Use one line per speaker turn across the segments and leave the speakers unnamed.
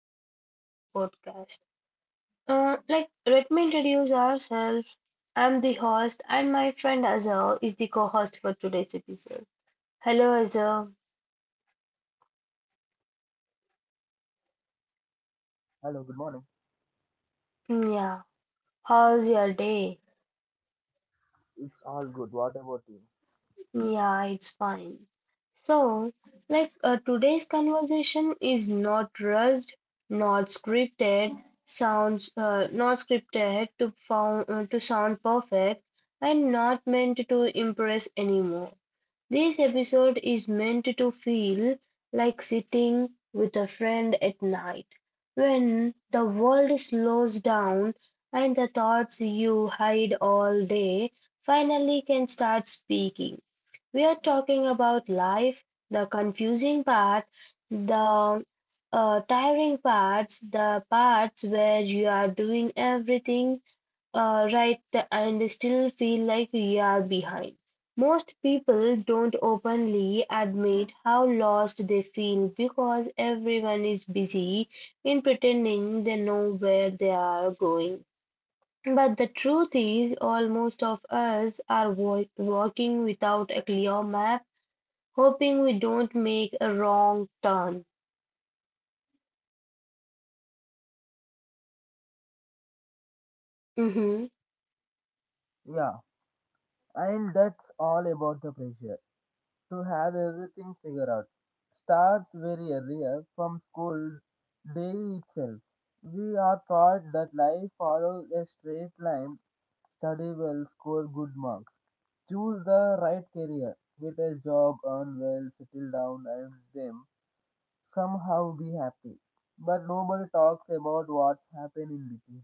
welcome back to the podcast. Let me introduce ourselves. I'm the host, and my friend Azar is the co-host for today's episode. Hello Azar.
Hello, good morning.
Yeah, how's your day?
It's all good. What about you?
Yeah, it's fine. So, Today's conversation is not rushed, not scripted, sounds not scripted to found, to sound perfect, and not meant to impress anymore. This episode is meant to feel like sitting with a friend at night, when the world slows down and the thoughts you hide all day finally can start speaking. We are talking about life, the confusing part, the tiring parts, the parts where you are doing everything right and still feel like we are behind. Most people don't openly admit how lost they feel because everyone is busy in pretending they know where they are going. But the truth is, almost of us are walking without a clear map, hoping we don't make a wrong turn. Mhm.
Yeah, and that's all about the pressure to have everything figured out. Starts very early from school day itself. We are taught that life follows a straight line, study well, score good marks, choose the right career, get a job, earn well, settle down, and then somehow be happy. But nobody talks about what's happened in between.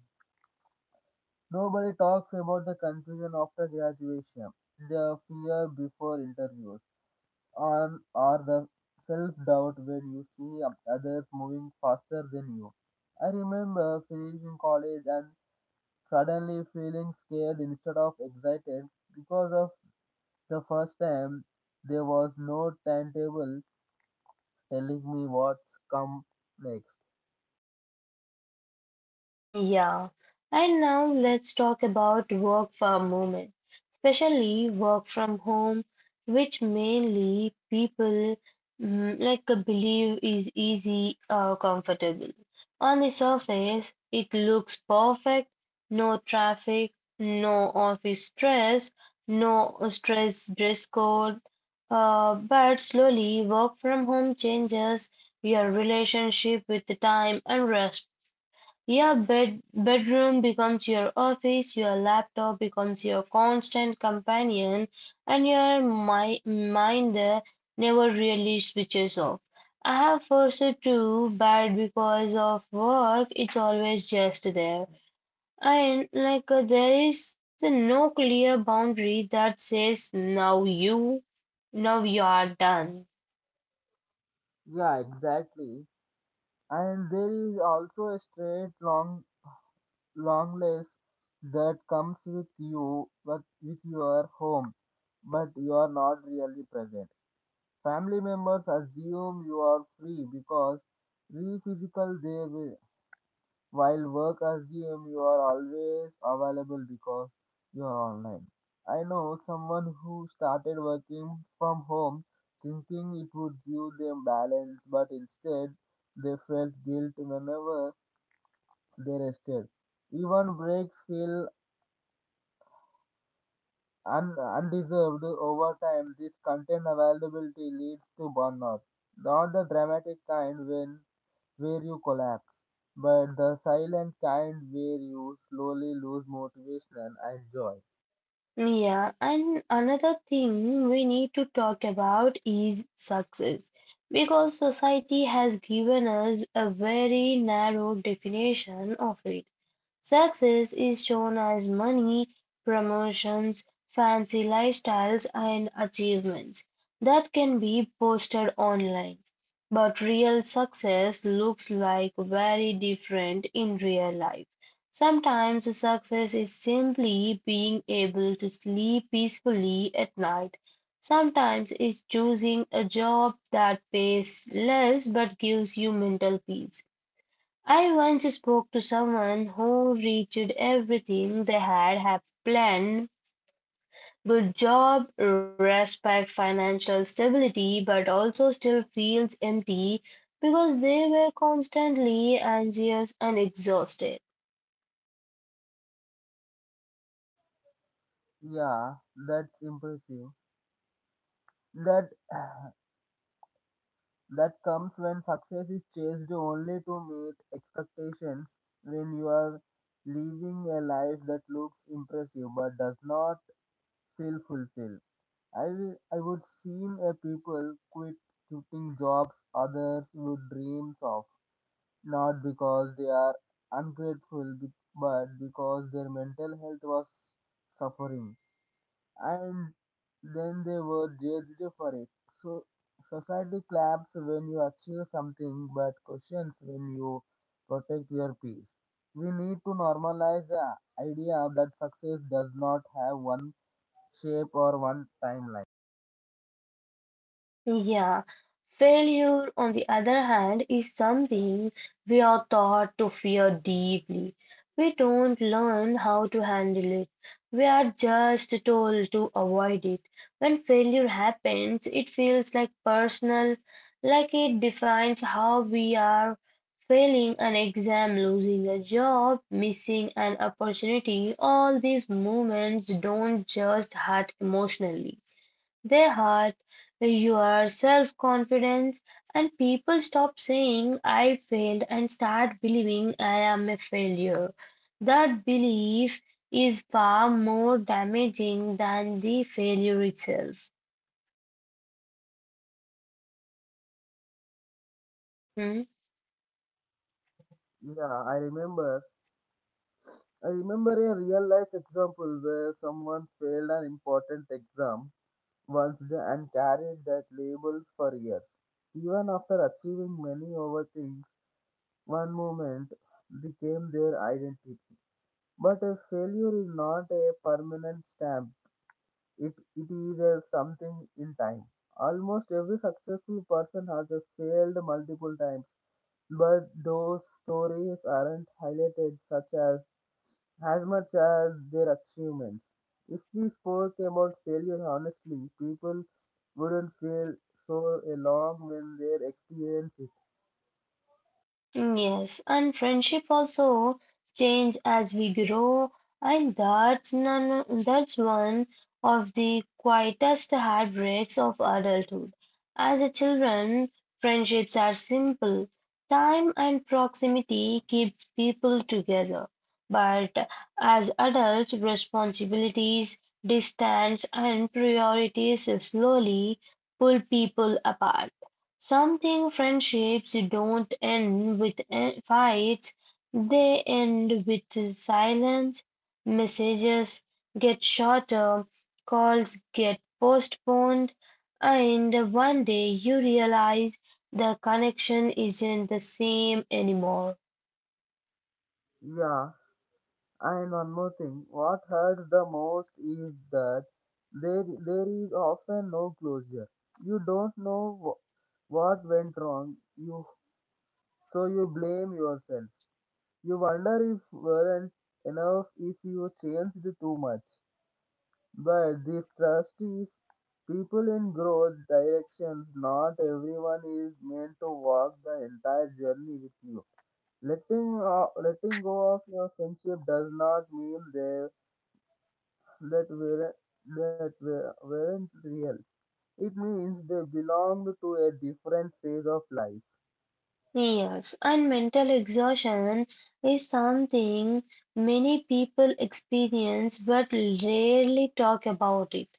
Nobody talks about the confusion after graduation, the fear before interviews, and or the self-doubt when you see others moving faster than you. I remember finishing college and suddenly feeling scared instead of excited because of the first time there was no timetable telling me what's come next.
Yeah, and now let's talk about work for a moment, especially work from home, which mainly people believe is easy or comfortable. On the surface, it looks perfect, no traffic, no office stress, no stress dress code. But slowly, work from home changes your relationship with the time and your bedroom becomes your office, your laptop becomes your constant companion, and your mi mind never really switches off. I have forced to, but because of work, it's always just there. And like There is no clear boundary that says now you are done.
Yeah, exactly. And there is also a straight long longness that comes with you but with your home, but you are not really present. Family members assume you are free because re physical they will, while work assume you are always available because you are online. I know someone who started working from home thinking it would give them balance, but instead they felt guilt whenever they rested. Even breaks feel undeserved. Over time, this content availability leads to burnout. Not the dramatic kind when where you collapse, but the silent kind where you slowly lose motivation and joy.
Yeah, and another thing we need to talk about is success because society has given us a very narrow definition of it. Success is shown as money, promotions, fancy lifestyles and achievements that can be posted online. But real success looks like very different in real life. Sometimes success is simply being able to sleep peacefully at night. Sometimes it's choosing a job that pays less but gives you mental peace. I once spoke to someone who reached everything they had have planned good job, respect, financial stability, but also still feels empty because they were constantly anxious and exhausted.
Yeah, that's impressive. That that comes when success is chased only to meet expectations. When you are living a life that looks impressive but does not feel fulfilled. I will. I would seen a people quitting jobs others would dreams of, not because they are ungrateful, but because their mental health was suffering, and then they were judged for it. So society claps when you achieve something, but questions when you protect your peace. We need to normalize the idea that success does not have one shape or one timeline.
Yeah, failure, on the other hand, is something we are taught to fear deeply. We don't learn how to handle it. We are just told to avoid it. When failure happens, it feels like personal, like it defines how we are failing an exam, losing a job, missing an opportunity. All these moments don't just hurt emotionally. They hurt your self confidence, and people stop saying, I failed, and start believing I am a failure. That belief is far more damaging than the failure itself. Mhm.
Yeah, I remember. I remember a real life example where someone failed an important exam and carried that labels for years. Even after achieving many other things, one moment became their identity. But a failure is not a permanent stamp. It it is a something in time. Almost every successful person has a failed multiple times. But those stories aren't highlighted such as much as their achievements. If we spoke about failure honestly, people wouldn't feel so alone when they experience it.
Yes, and friendship also change as we grow, and that's none, that's one of the quietest heartbreaks of adulthood. As a children, friendships are simple. Time and proximity keeps people together. But as adults, responsibilities, distance, and priorities slowly pull people apart. Something friendships don't end with fights, they end with silence. Messages get shorter, calls get postponed, and one day you realize the connection isn't the same anymore.
Yeah, and one more thing, what hurts the most is that there is often no closure. You don't know what went wrong, you so you blame yourself. You wonder if weren't enough, if you changed too much. But this trust is people in growth directions. Not everyone is meant to walk the entire journey with you. Letting go of your friendship does not mean they that were that were, weren't real. It means they belonged to a different phase of life.
Yes, and mental exhaustion is something many people experience but rarely talk about it.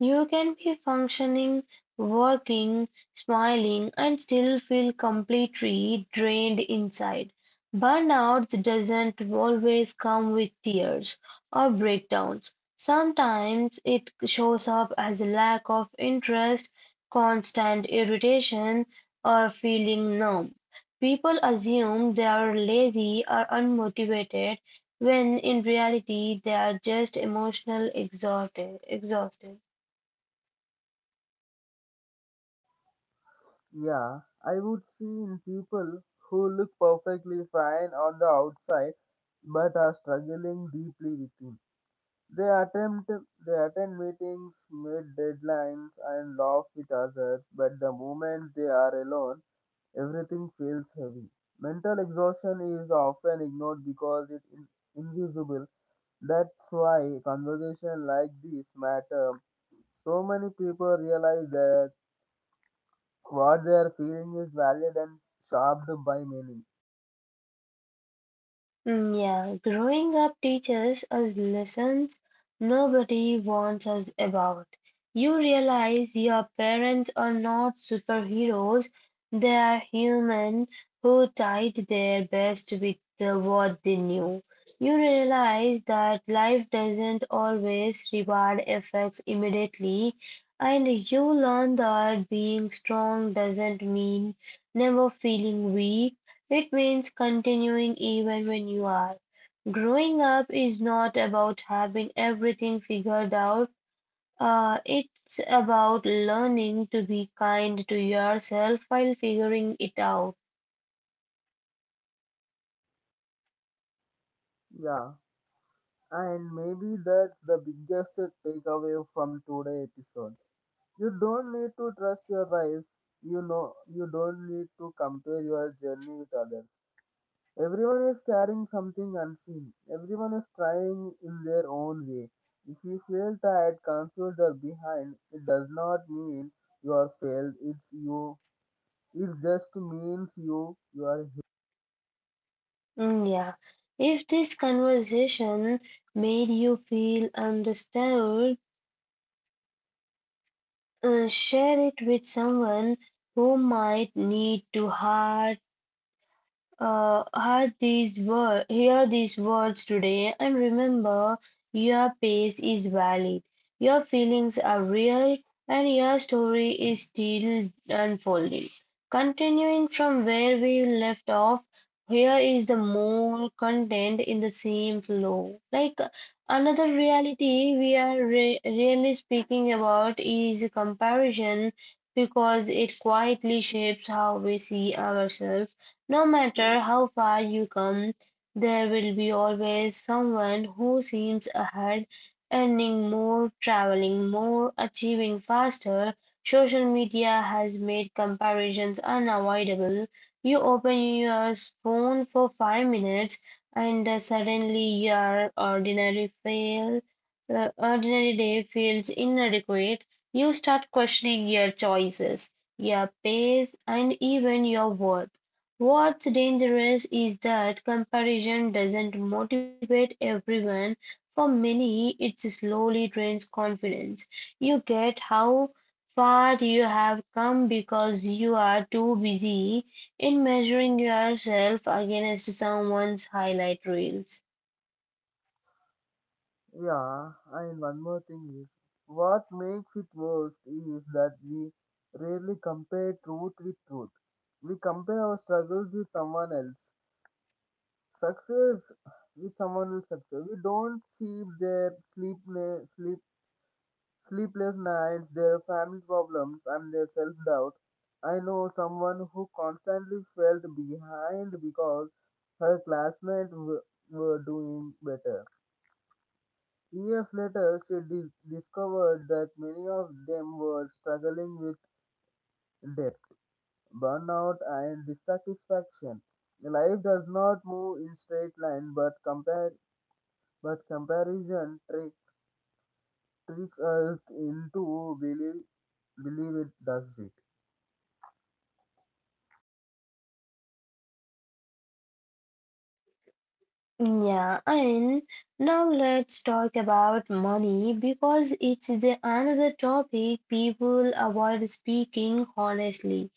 You can be functioning, working, smiling, and still feel completely drained inside. Burnout doesn't always come with tears or breakdowns. Sometimes it shows up as a lack of interest, constant irritation, or feeling numb. People assume they are lazy or unmotivated when in reality they are just emotionally exhausted.
Yeah, I would see in people who look perfectly fine on the outside but are struggling deeply within. They attempt they attend meetings, meet deadlines and laugh with others, but the moment they are alone, everything feels heavy. Mental exhaustion is often ignored because it is invisible. That's why conversation like this matter. So many people realize that what they are feeling is valid and shaped by meaning.
Yeah, growing up teaches us lessons nobody warns us about. You realize your parents are not superheroes, they are human who tried their best with the, what they knew. You realize that life doesn't always reward effects immediately, and you learn that being strong doesn't mean never feeling weak. It means continuing even when you are. Growing up is not about having everything figured out. It's about learning to be kind to yourself while figuring it out.
Yeah, and maybe that's the biggest takeaway from today's episode. You don't need to trust your life. You know, you don't need to compare your journey with others. Everyone is carrying something unseen. Everyone is trying in their own way. If you feel tired, confused, or behind, it does not mean you are failed. It's you. It just means You are.
Mm, yeah. If this conversation made you feel understood, share it with someone who might need to hear uh, hear these words today and remember your pace is valid, your feelings are real, and your story is still unfolding. Continuing from where we left off, here is the more content in the same flow. Like another reality we are really speaking about is comparison because it quietly shapes how we see ourselves no matter how far you come, there will be always someone who seems ahead, earning more, traveling more, achieving faster. Social media has made comparisons unavoidable. You open your phone for 5 minutes and suddenly your ordinary day feels inadequate. You start questioning your choices, your pace, and even your worth. What's dangerous is that comparison doesn't motivate everyone. For many, it slowly drains confidence. You get how far you have come because you are too busy in measuring yourself against someone's highlight reels.
Yeah, and one more thing is what makes it worse is that we rarely compare truth with truth. We compare our struggles with someone else. Success with someone else's success. We don't see their sleepless nights, their family problems, and their self doubt. I know someone who constantly felt behind because her were doing better. Years later, she discovered that many of them were struggling with debt, burnout, and dissatisfaction. Life does not move in straight line, but compare but comparison tricks us into believe it does it.
Yeah, and now let's talk about money because it's the another topic people avoid speaking honestly.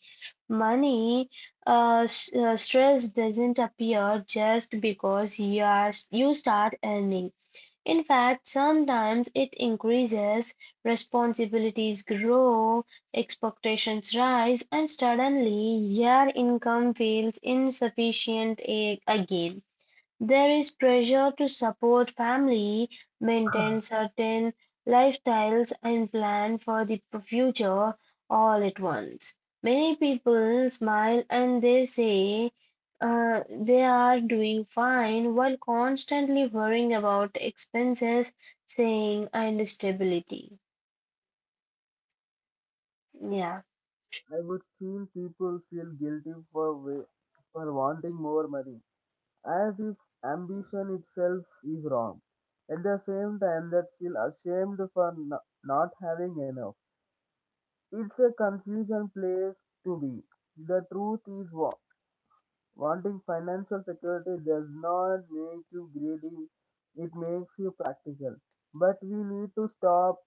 Money Stress doesn't appear just because you start earning. In fact, sometimes it increases, responsibilities grow, expectations rise, and suddenly your income feels insufficient again. There is pressure to support family, maintain certain lifestyles, and plan for the future all at once. Many people smile and they say they are doing fine while constantly worrying about expenses, saying, and stability. Yeah.
I would feel people feel guilty for for wanting more money, as if ambition itself is wrong. At the same time, that feel ashamed for not having enough. It's a confusion place to be. The truth is what wanting financial security does not make you greedy; it makes you practical. But we need to stop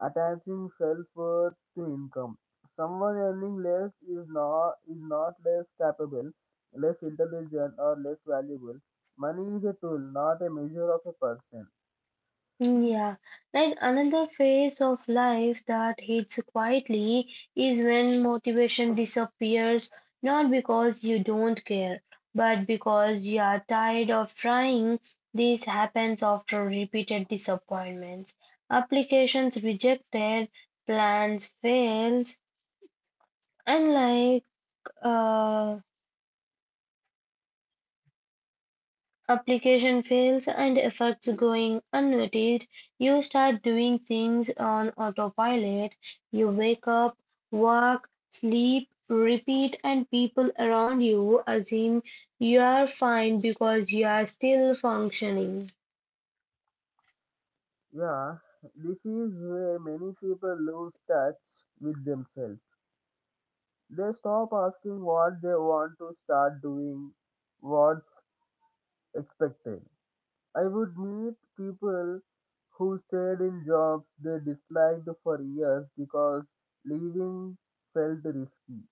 attaching self-worth to income. Someone earning less is not less capable, less intelligent, or less valuable. Money is a tool, not a measure of a person.
Yeah, like another phase of life that hits quietly is when motivation disappears, not because you don't care, but because you are tired of trying. This happens after repeated disappointments, applications rejected, plans fails, and uh Application fails and effects going unnoticed, you start doing things on autopilot. You wake up, work, sleep, repeat, and people around you assume you are fine because you are still functioning.
Yeah, this is where many people lose touch with themselves. They stop asking what they want to start doing, what's expected. I would meet people who stayed in jobs they disliked for years because leaving felt risky.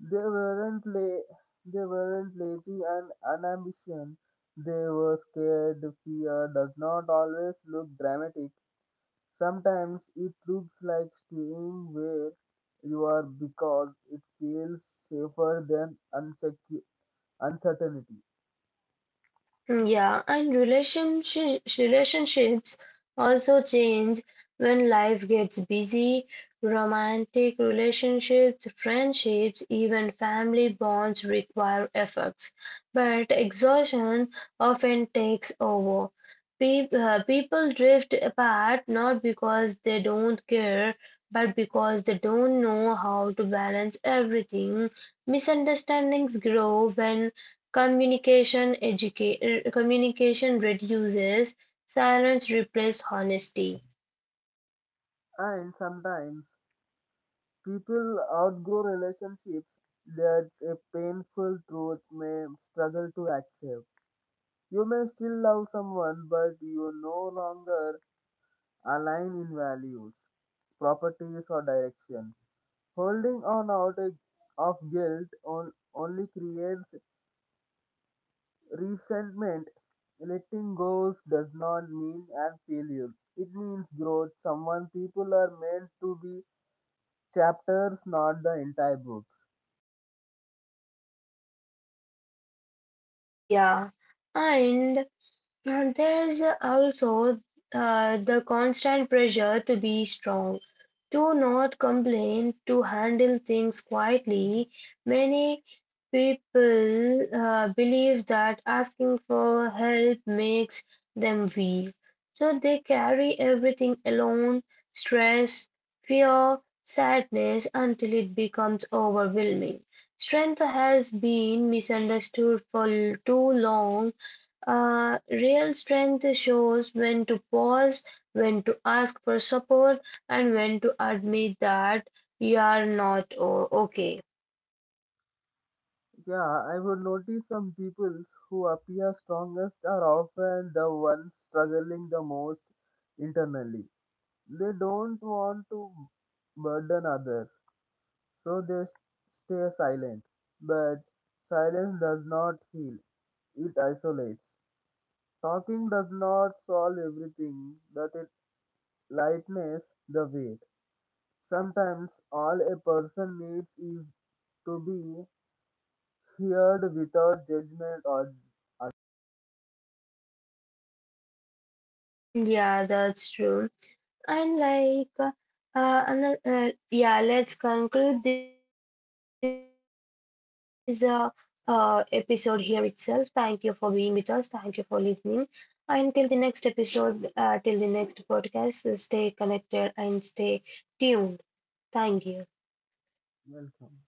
They weren't la- they weren't lazy and unambitious. They were scared. Fear does not always look dramatic. Sometimes it looks like staying where you are because it feels safer than uncertainty.
Yeah, and relationships also change when life gets busy. Romantic relationships, friendships, even family bonds require efforts, but exhaustion often takes over. Pe People drift apart not because they don't care, but because they don't know how to balance everything. Misunderstandings grow when Communication reduces, silence replaces honesty.
And sometimes people outgrow relationships. That's a painful truth may struggle to accept. You may still love someone, but you no longer align in values, properties, or directions. Holding on out of guilt on, only creates resentment. Letting go does not mean an failure. It means growth. Someone people are meant to be chapters, not the entire books.
Yeah, and And there's also the constant pressure to be strong, to not complain, to handle things quietly. Many people believe that asking for help makes them weak. So they carry everything alone, stress, fear, sadness until it becomes overwhelming. Strength has been misunderstood for too long. Real strength shows when to pause, when to ask for support, and when to admit that you are not okay.
Yeah, I would notice some peoples who appear strongest are often the ones struggling the most internally. They don't want to burden others, so stay silent. But silence does not heal, it isolates. Talking does not solve everything, but it lightens the weight. Sometimes all a person needs is to be heard without judgment or.
Yeah, that's true. And like, ano- yeah, Let's conclude this episode here itself. Thank you for being with us. Thank you for listening. And till the next episode, till the next podcast, stay connected and stay tuned. Thank you.
Welcome.